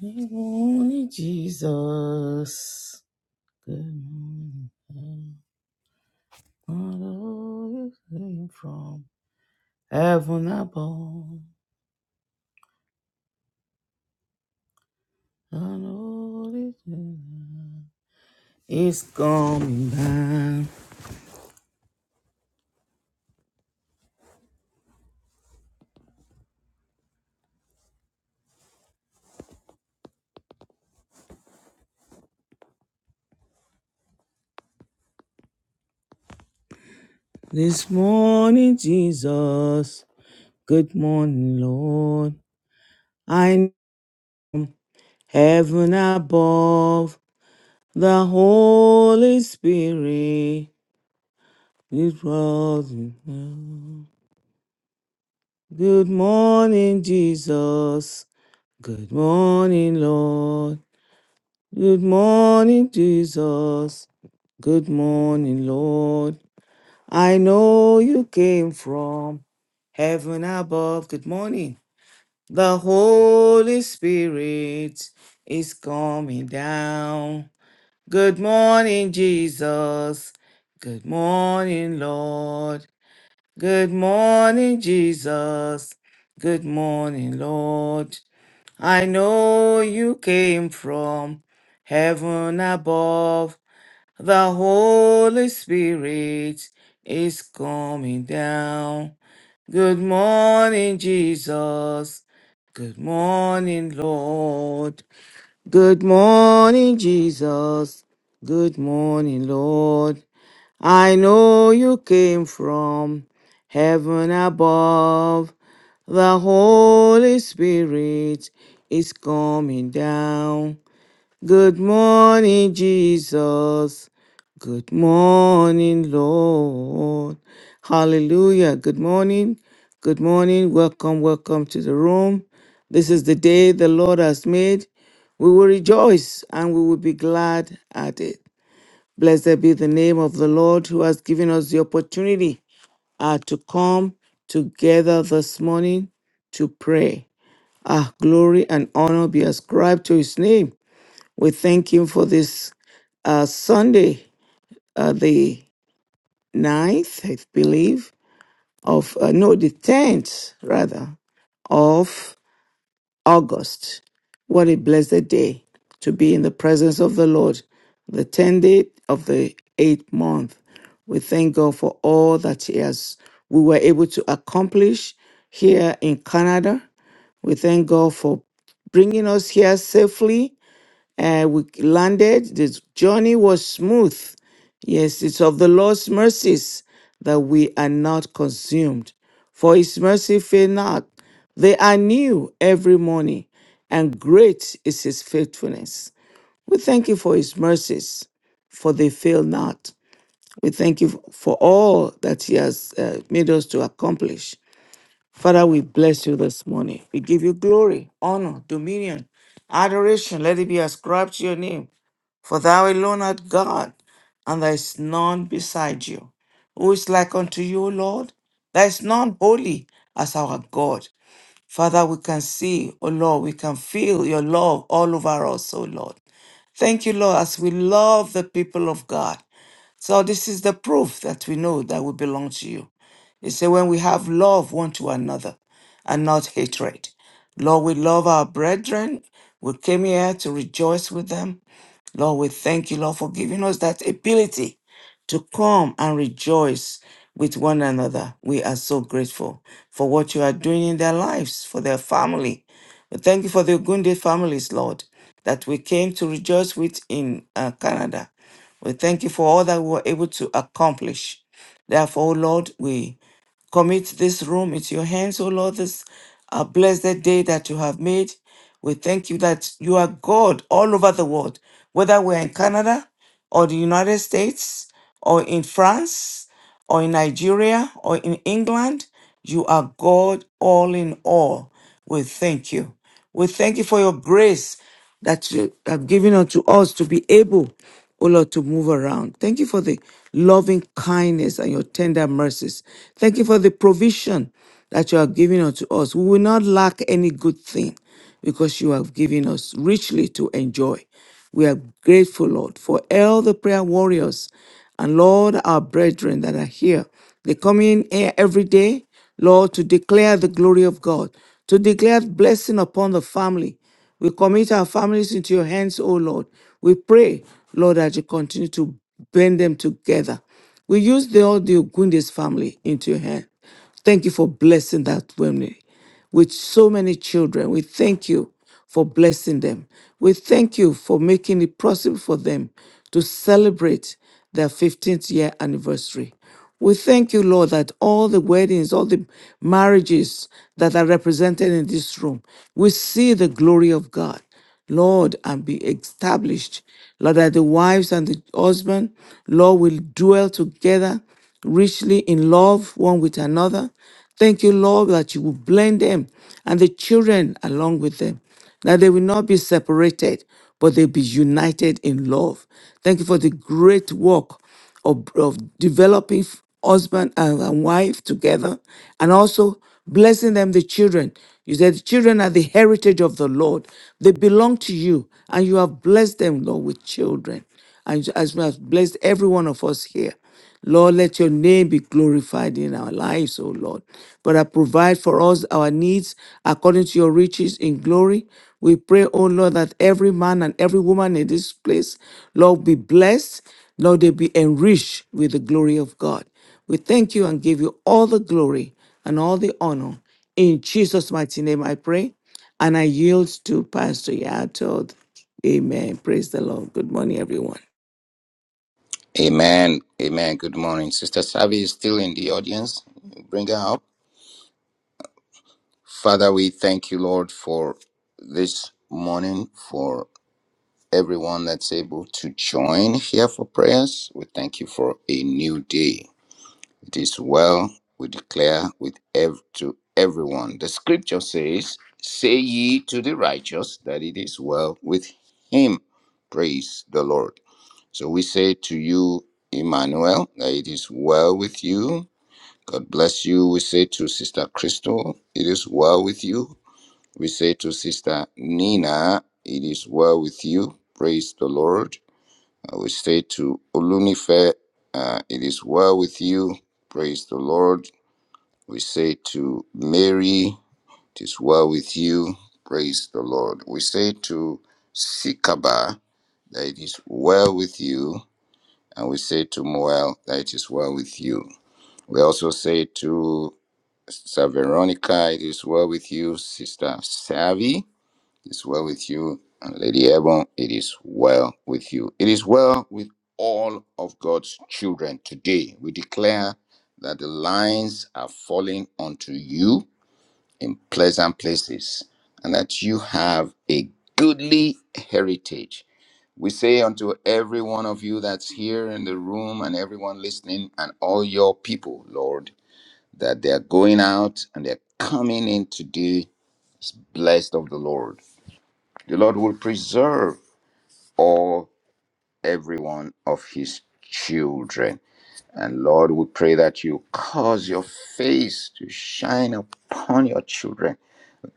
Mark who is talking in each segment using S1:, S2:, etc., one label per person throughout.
S1: Good morning, Jesus. Good morning, Father. You came from heaven above. I know It's coming down this morning, Jesus. Good morning, Lord. I'm heaven above. The Holy Spirit is rising. now. Good morning, Jesus. Good morning, Lord. Good morning, Jesus. Good morning, Lord. I know you came from heaven above. Good morning. The Holy Spirit is coming down. Good morning, Jesus. Good morning, Lord. Good morning, Jesus. Good morning, Lord. I know you came from heaven above. The Holy Spirit is coming down. Good morning, Jesus. Good morning, Lord. Good morning, Jesus. Good morning, Lord. I know you came from heaven above. The Holy Spirit is coming down. Good morning, Jesus. Good morning, Lord. Hallelujah. Good morning. Good morning. Welcome, welcome to the room. This is the day the Lord has made. We will rejoice and we will be glad at it. Blessed be the name of the Lord who has given us the opportunity uh, to come together this morning to pray. Ah, glory and honor be ascribed to his name. We thank him for this uh, Sunday, uh, the ninth, I believe, of, uh, no, the 10th, rather, of August. What a blessed day to be in the presence of the Lord, the 10th day of the eighth month. We thank God for all that He has, we were able to accomplish here in Canada. We thank God for bringing us here safely uh, we landed. The journey was smooth. Yes, it's of the Lord's mercies that we are not consumed, for his mercy fail not. They are new every morning, and great is his faithfulness. We thank you for his mercies, for they fail not. We thank you for all that he has uh, made us to accomplish. Father, we bless you this morning. We give you glory, honor, dominion, adoration. Let it be ascribed to your name. For thou alone art God, and there is none beside you. Who is like unto you, O Lord? There is none holy as our God. Father, we can see, O Lord, we can feel your love all over us, O Lord. Thank you, Lord, as we love the people of God. So this is the proof that we know that we belong to you. You say when we have love one to another and not hatred. Lord, we love our brethren. We came here to rejoice with them. Lord, we thank you, Lord, for giving us that ability to come and rejoice with one another. We are so grateful for what you are doing in their lives, for their family. We thank you for the Ogunde families, Lord, that we came to rejoice with in uh, Canada. We thank you for all that we were able to accomplish. Therefore, O Lord, we commit this room into your hands, O Lord, this uh, blessed day that you have made. We thank you that you are God all over the world, whether we're in Canada or the United States or in France or in Nigeria or in England. You are God all in all. We thank you. We thank you for your grace that you have given unto us to be able, O Lord, to move around. Thank you for the loving kindness and your tender mercies. Thank you for the provision that you are giving unto us. We will not lack any good thing because you have given us richly to enjoy. We are grateful, Lord, for all the prayer warriors and Lord, our brethren that are here. They come in here every day, Lord, to declare the glory of God, to declare blessing upon the family. We commit our families into your hands, O Lord. We pray, Lord, that you continue to bend them together. We use the all the Ogundes family into your hand. Thank you for blessing that family with so many children. We thank you for blessing them. We thank you for making it possible for them to celebrate their 15th year anniversary. We thank you, Lord, that all the weddings, all the marriages that are represented in this room, we see the glory of God. Lord, and be established. Lord, that the wives and the husband, Lord, will dwell together richly in love one with another. Thank you, Lord, that you will blend them and the children along with them, that they will not be separated, but they'll be united in love. Thank you for the great work of, of developing husband and, and wife together and also blessing them the children you said the children are the heritage of the lord they belong to you and you have blessed them lord with children and as well as blessed every one of us here Lord, let your name be glorified in our lives, O Lord. Father, provide for us our needs according to your riches in glory. We pray, O Lord, that every man and every woman in this place, Lord, be blessed. Lord, they be enriched with the glory of God. We thank you and give you all the glory and all the honor. In Jesus' mighty name, I pray. And I yield to Pastor Yato. Amen. Praise the Lord. Good morning, everyone.
S2: Amen. Amen. Good morning. Sister Savi is still in the audience. Bring her up. Father, we thank you, Lord, for this morning, for everyone that's able to join here for prayers. We thank you for a new day. It is well, we declare with ev- to everyone. The scripture says, Say ye to the righteous that it is well with him. Praise the Lord. So we say to you, Emmanuel, that it is well with you. God bless you. We say to Sister Crystal, it is well with you. We say to Sister Nina, it is well with you. Praise the Lord. Uh, we say to Olunife, uh, it is well with you. Praise the Lord. We say to Mary, it is well with you. Praise the Lord. We say to Sikaba, that it is well with you. And we say to Moel, that it is well with you. We also say to Sister Veronica, it is well with you. Sister Savi. It's well with you. And Lady Ebon, it is well with you. It is well with all of God's children today. We declare that the lines are falling onto you in pleasant places and that you have a goodly heritage. We say unto every one of you that's here in the room and everyone listening and all your people, Lord, that they're going out and they're coming in today blessed of the Lord. The Lord will preserve all every one of his children. And Lord, we pray that you cause your face to shine upon your children.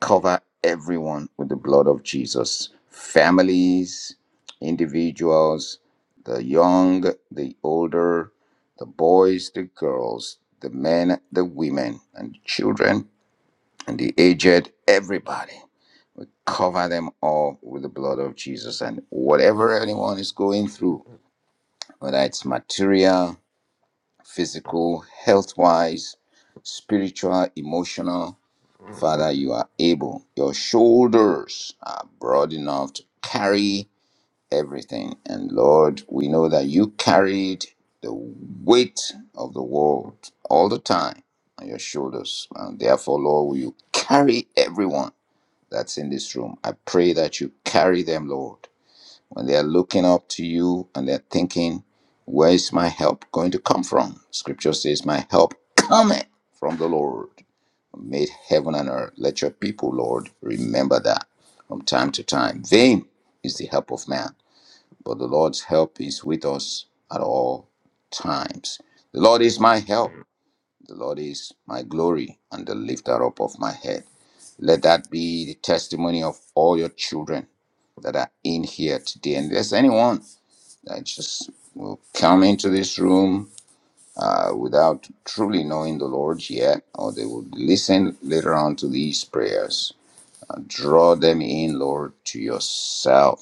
S2: Cover everyone with the blood of Jesus. Families, individuals, the young, the older, the boys, the girls, the men, the women, and the children, and the aged, everybody. We cover them all with the blood of Jesus. And whatever anyone is going through, whether it's material, physical, health wise, spiritual, emotional, Father, you are able. Your shoulders are broad enough to carry everything. And Lord, we know that you carried the weight of the world all the time on your shoulders. And therefore, Lord, will you carry everyone that's in this room. I pray that you carry them, Lord. When they are looking up to you and they're thinking, where is my help going to come from? Scripture says, my help cometh from the Lord, who made heaven and earth. Let your people, Lord, remember that from time to time. Vain is the help of man, but the Lord's help is with us at all times. The Lord is my help. The Lord is my glory and the lifter up of my head. Let that be the testimony of all your children that are in here today. And if there's anyone that just will come into this room uh, without truly knowing the Lord yet, or they will listen later on to these prayers. Uh, draw them in, Lord, to yourself.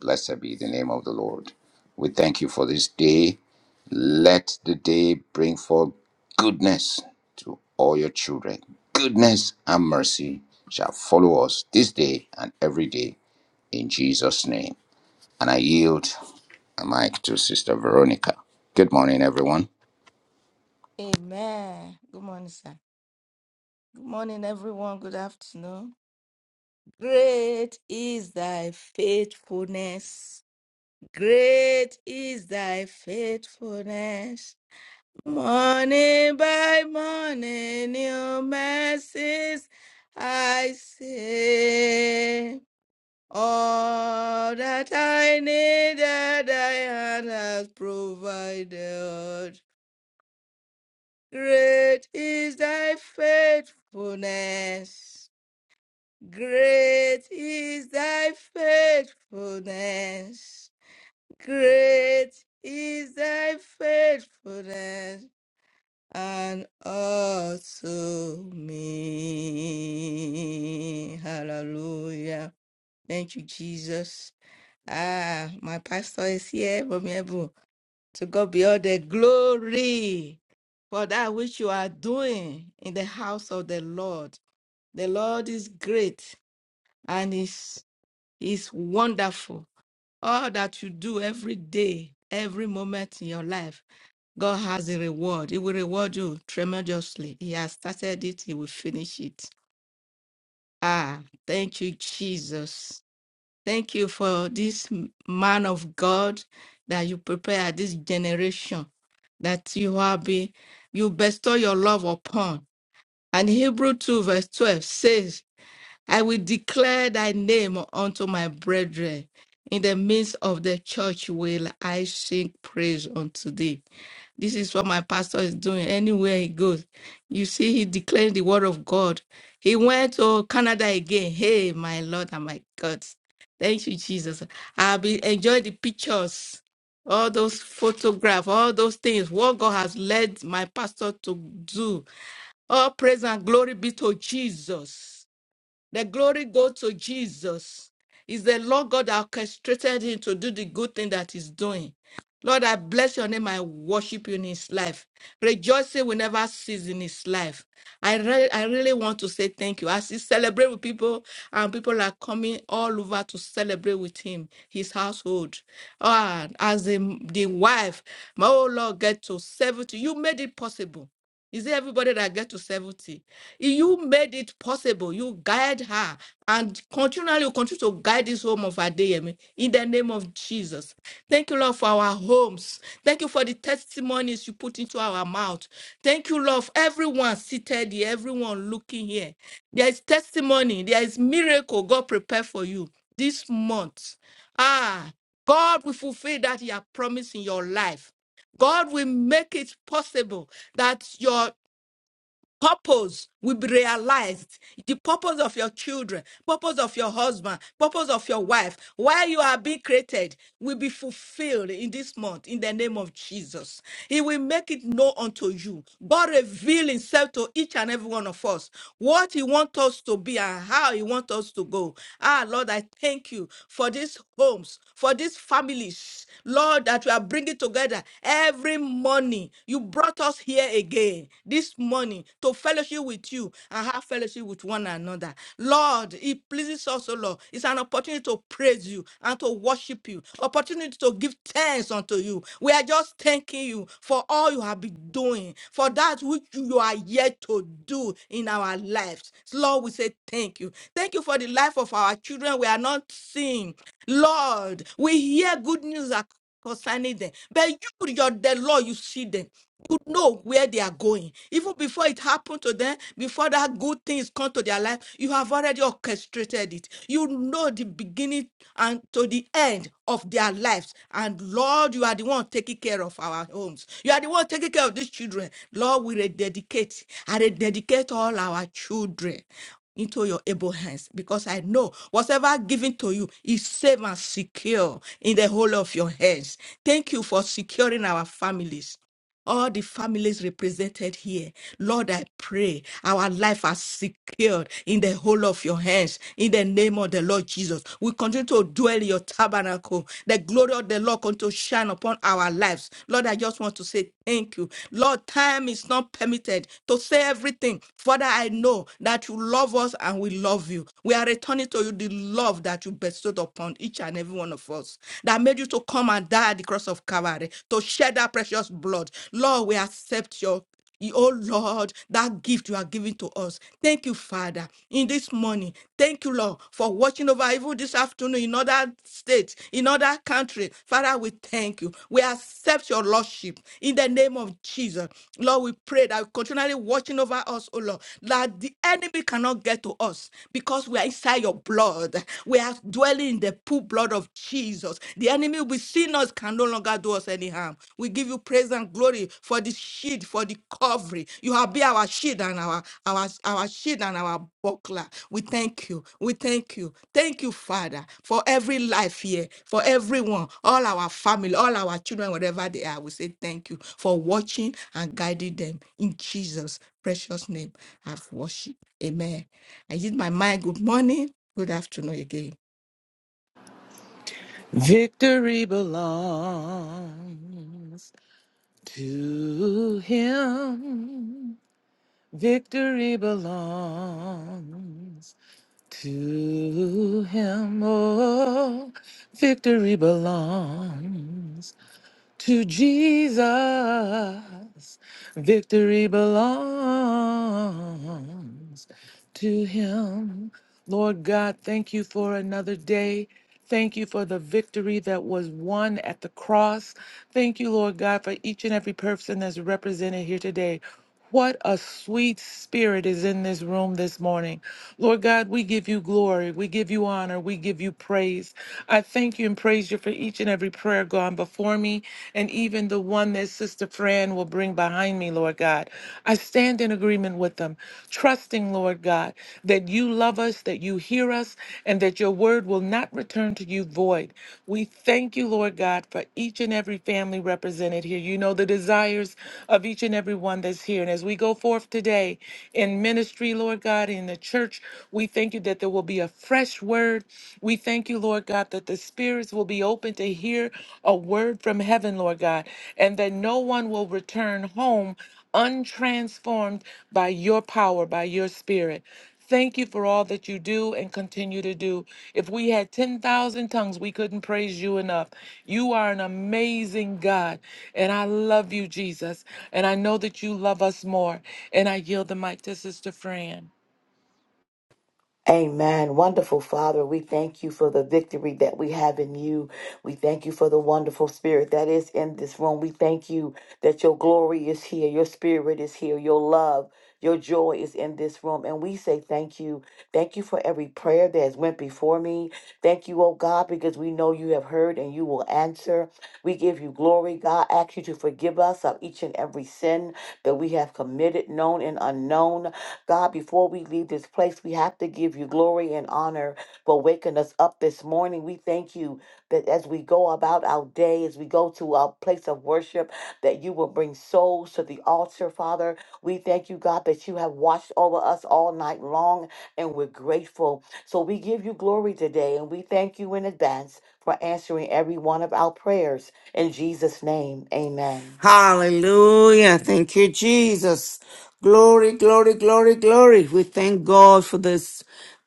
S2: Blessed be the name of the Lord. We thank you for this day. Let the day bring forth goodness to all your children. Goodness and mercy shall follow us this day and every day in Jesus' name. And I yield a mic to Sister Veronica. Good morning, everyone.
S3: Amen. Good morning, sir. Good morning, everyone. Good afternoon. Great is thy faithfulness. Great is thy faithfulness. Morning by morning, new mercies I see. All that I needed, thy hand has provided. Great is thy faithfulness. Great is thy faithfulness. Great is thy faithfulness and unto me. Hallelujah. Thank you, Jesus. Ah, my pastor is here from heaven. To God be all the glory for that which you are doing in the house of the Lord. The Lord is great and is is wonderful. All that you do every day, every moment in your life, God has a reward. He will reward you tremendously. He has started it, He will finish it. Ah, thank you, Jesus. Thank you for this m- man of God that you prepare this generation that you have been, you bestow your love upon. And Hebrew 2, verse 12 says, I will declare thy name unto my brethren. In the midst of the church will I sing praise unto thee. This is what my pastor is doing anywhere he goes. You see, he declared the word of God. He went to Canada again. Hey, my Lord and my God. Thank you, Jesus. I'll be enjoying the pictures, all those photographs, all those things, what God has led my pastor to do. All praise and glory be to Jesus. The glory goes to Jesus. It's the Lord God that orchestrated him to do the good thing that he's doing. Lord, I bless your name. I worship you in his life. Rejoicing will never cease in his life. I, re- I really want to say thank you. As he celebrate with people, and people are coming all over to celebrate with him, his household. Ah, as the, the wife, my oh Lord, get to 70. You made it possible. Is it everybody that get to 70? You made it possible. You guide her and continually you continue to guide this home of Adeyemi in the name of Jesus. Thank you, Lord, for our homes. Thank you for the testimonies you put into our mouth. Thank you, Lord, for everyone seated here, everyone looking here. There is testimony, there is miracle God prepared for you this month. Ah, God will fulfill that He has promised in your life. God will make it possible that your purpose will be realized the purpose of your children purpose of your husband purpose of your wife while you are being created will be fulfilled in this month in the name of jesus he will make it known unto you god reveal himself to each and every one of us what he wants us to be and how he wants us to go ah lord i thank you for these homes for these families lord that you are bringing together every morning you brought us here again this morning to fellowship with you and have fellowship with one another. Lord, it pleases us, O Lord. It's an opportunity to praise you and to worship you, opportunity to give thanks unto you. We are just thanking you for all you have been doing, for that which you are yet to do in our lives. Lord, we say thank you. Thank you for the life of our children. We are not seeing. Lord, we hear good news concerning them. But you, your the Lord, you see them. You know where they are going. Even before it happened to them, before that good things come to their life, you have already orchestrated it. You know the beginning and to the end of their lives. And Lord, you are the one taking care of our homes. You are the one taking care of these children. Lord, we rededicate. I rededicate all our children into your able hands because I know whatever given to you is safe and secure in the whole of your hands. Thank you for securing our families all the families represented here. Lord, I pray our life are secured in the whole of your hands in the name of the Lord Jesus. We continue to dwell in your tabernacle. The glory of the Lord continue to shine upon our lives. Lord, I just want to say thank you. Lord, time is not permitted to say everything. Father, I know that you love us and we love you. We are returning to you the love that you bestowed upon each and every one of us that made you to come and die at the cross of Calvary, to shed that precious blood. Lord, we accept your you- Oh Lord, that gift you are giving to us. Thank you, Father, in this morning. Thank you, Lord, for watching over even this afternoon in other states, in other countries. Father, we thank you. We accept your Lordship in the name of Jesus. Lord, we pray that continually watching over us, oh Lord, that the enemy cannot get to us because we are inside your blood. We are dwelling in the pool blood of Jesus. The enemy within us can no longer do us any harm. We give you praise and glory for this shield, for the covering. You have been our shield and our our our shield and our buckler. We thank you. We thank you. Thank you, Father, for every life here, for everyone, all our family, all our children, whatever they are. We say thank you for watching and guiding them in Jesus' precious name. I've worshiped. Amen. I use my mind. Good morning. Good afternoon again.
S4: Victory belongs to him. Victory belongs to him. Oh, victory belongs to Jesus. Victory belongs to him. Lord God, thank you for another day. Thank you for the victory that was won at the cross. Thank you, Lord God, for each and every person that's represented here today. What a sweet spirit is in this room this morning. Lord God, we give you glory. We give you honor. We give you praise. I thank you and praise you for each and every prayer gone before me and even the one that Sister Fran will bring behind behind me, Lord God. I stand in agreement with them, trusting, Lord God, that you love us, that you hear us, and that your word will not return to you void. We thank you, Lord God, for each and every family represented here. You know the desires of each and every one that's here. And as we go forth today in ministry, Lord God, in the church, we thank you that there will be a fresh word. We thank you, Lord God, that the Spirit will be open to hear a word from heaven, Lord God, and that no one will return home untransformed by your power, by your spirit. Thank you for all that you do and continue to do. If we had 10,000 tongues, we couldn't praise you enough. You are an amazing God, and I love you, Jesus. And I know that you love us more. And I yield the mic to Sister Fran.
S5: Amen. Wonderful Father, we thank you for the victory that we have in you. We thank you for the wonderful spirit that is in this room. We thank you that your glory is here, your spirit is here, your love, your joy is in this room. And we say thank you. Thank you for every prayer that has went before me. Thank you, oh God, because we know you have heard and you will answer. We give you glory, God. Ask you to forgive us of each and every sin that we have committed, known and unknown. God, before we leave this place, we have to give you glory and honor for waking us up this morning. We thank you that as we go about our day, as we go to our place of worship, that you will bring souls to the altar, Father. We thank you, God, that you have watched over us all night long, and we're grateful. So we give you glory today, and we thank you in advance for answering every one of our prayers. In Jesus' name, amen.
S1: Hallelujah. Thank you, Jesus. Glory, glory, glory, glory. We thank God for this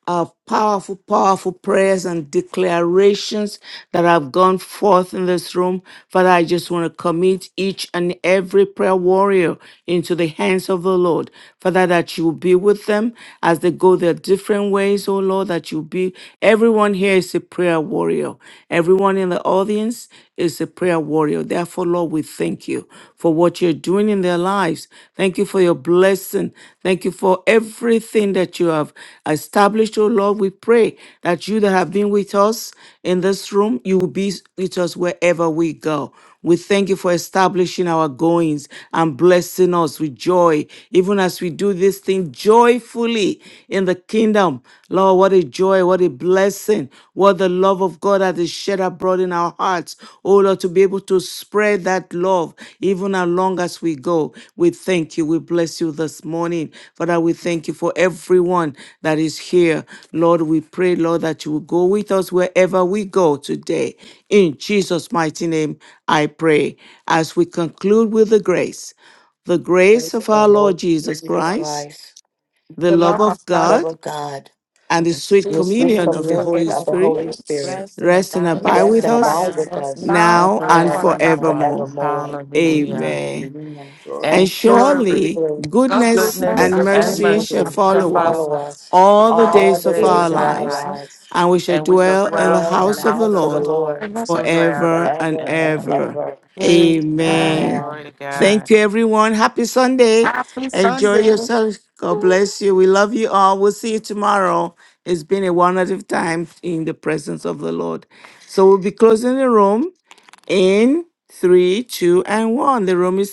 S1: uh, powerful, powerful prayers and declarations that have gone forth in this room. Father, I just want to commit each and every prayer warrior into the hands of the Lord. Father, that you will be with them as they go their different ways, oh Lord, that you be. Everyone here is a prayer warrior warrior. Everyone in the audience is a prayer warrior. Therefore, Lord, we thank you for what you're doing in their lives. Thank you for your blessing. Thank you for everything that you have established, oh Lord. We pray that you that have been with us in this room, you will be with us wherever we go. We thank you for establishing our goings and blessing us with joy, even as we do this thing joyfully in the kingdom. Lord, what a joy, what a blessing, what the love of God that is shed abroad in our hearts. Oh Lord, to be able to spread that love, even as long as we go. We thank you. We bless you this morning. Father, we thank you for everyone that is here. Lord, we pray, Lord, that you will go with us wherever we go today. In Jesus' mighty name, I pray. As we conclude with the grace, the grace
S5: Praise the
S1: of our
S5: Lord, Lord
S1: Lord Jesus
S5: Jesus
S1: Christ,
S5: Christ,
S1: the
S3: the
S1: love
S3: love of
S1: of
S3: God
S5: love
S1: God,
S5: of God
S1: and
S3: and
S1: the
S3: the
S1: sweet
S5: your
S3: spirit
S5: sweet
S1: communion
S3: fellowship
S1: of the
S3: of the
S1: Holy
S5: communion of the
S1: Spirit
S5: Holy
S3: Holy Spirit
S5: Spirit
S4: Rest and
S1: rest and
S4: abide
S1: abide
S3: rest
S4: with
S3: and
S5: rest
S1: with
S5: and
S4: us
S3: abide
S1: us
S5: abide
S4: now
S3: with
S5: with
S3: us
S5: us
S3: now
S4: and
S1: now
S3: and
S1: and
S5: now and
S3: forevermore.
S4: forevermore.
S1: forevermore.
S5: forevermore.
S3: Amen.
S4: Hallelujah.
S1: Amen.
S5: Amen.
S2: Sure.
S1: And
S4: And
S3: Um,
S1: surely
S4: surely
S5: Surely
S3: God's
S1: goodness
S3: goodness
S2: Goodness
S4: goodness
S1: and
S3: and
S5: Goodness
S4: and
S5: and
S1: mercy
S3: mercy
S4: mercy
S1: shall
S5: mercy
S3: are
S4: shall
S3: found
S1: follow
S3: in
S4: follow
S1: us
S5: follow
S4: us
S5: us
S1: all the
S3: all
S4: all
S5: all
S4: the
S1: days
S5: the
S3: the
S1: of
S4: days
S1: our
S4: of
S5: days
S3: days
S5: of
S3: of
S4: our
S3: our
S5: our
S1: lives,
S3: life
S4: lives,
S5: lives.
S1: and we shall
S4: and we shall
S3: and
S1: dwell
S3: prayer
S1: in the
S4: dwell
S3: in
S5: Dwell
S4: in
S3: your
S5: in
S4: the
S1: house
S5: the
S1: of
S3: mouth.
S1: the
S4: house
S5: house
S4: of
S5: of the
S4: the
S3: The
S1: Lord
S4: Lord
S5: Lord
S3: goodness of the
S1: forever
S4: forever
S1: and
S5: forever
S4: and
S5: and
S4: ever.
S1: ever.
S5: ever.
S3: Lord.
S4: Amen.
S3: Amen.
S1: Amen.
S5: Amen.
S4: Glory to God.
S1: Thank you, everyone. Happy Sunday.
S3: Happy
S1: Enjoy
S3: Sunday.
S1: yourself. God bless you. We love you all. We'll see you tomorrow. It's been a wonderful time in the presence of the Lord. So we'll be closing the room in three, two, and one. The room is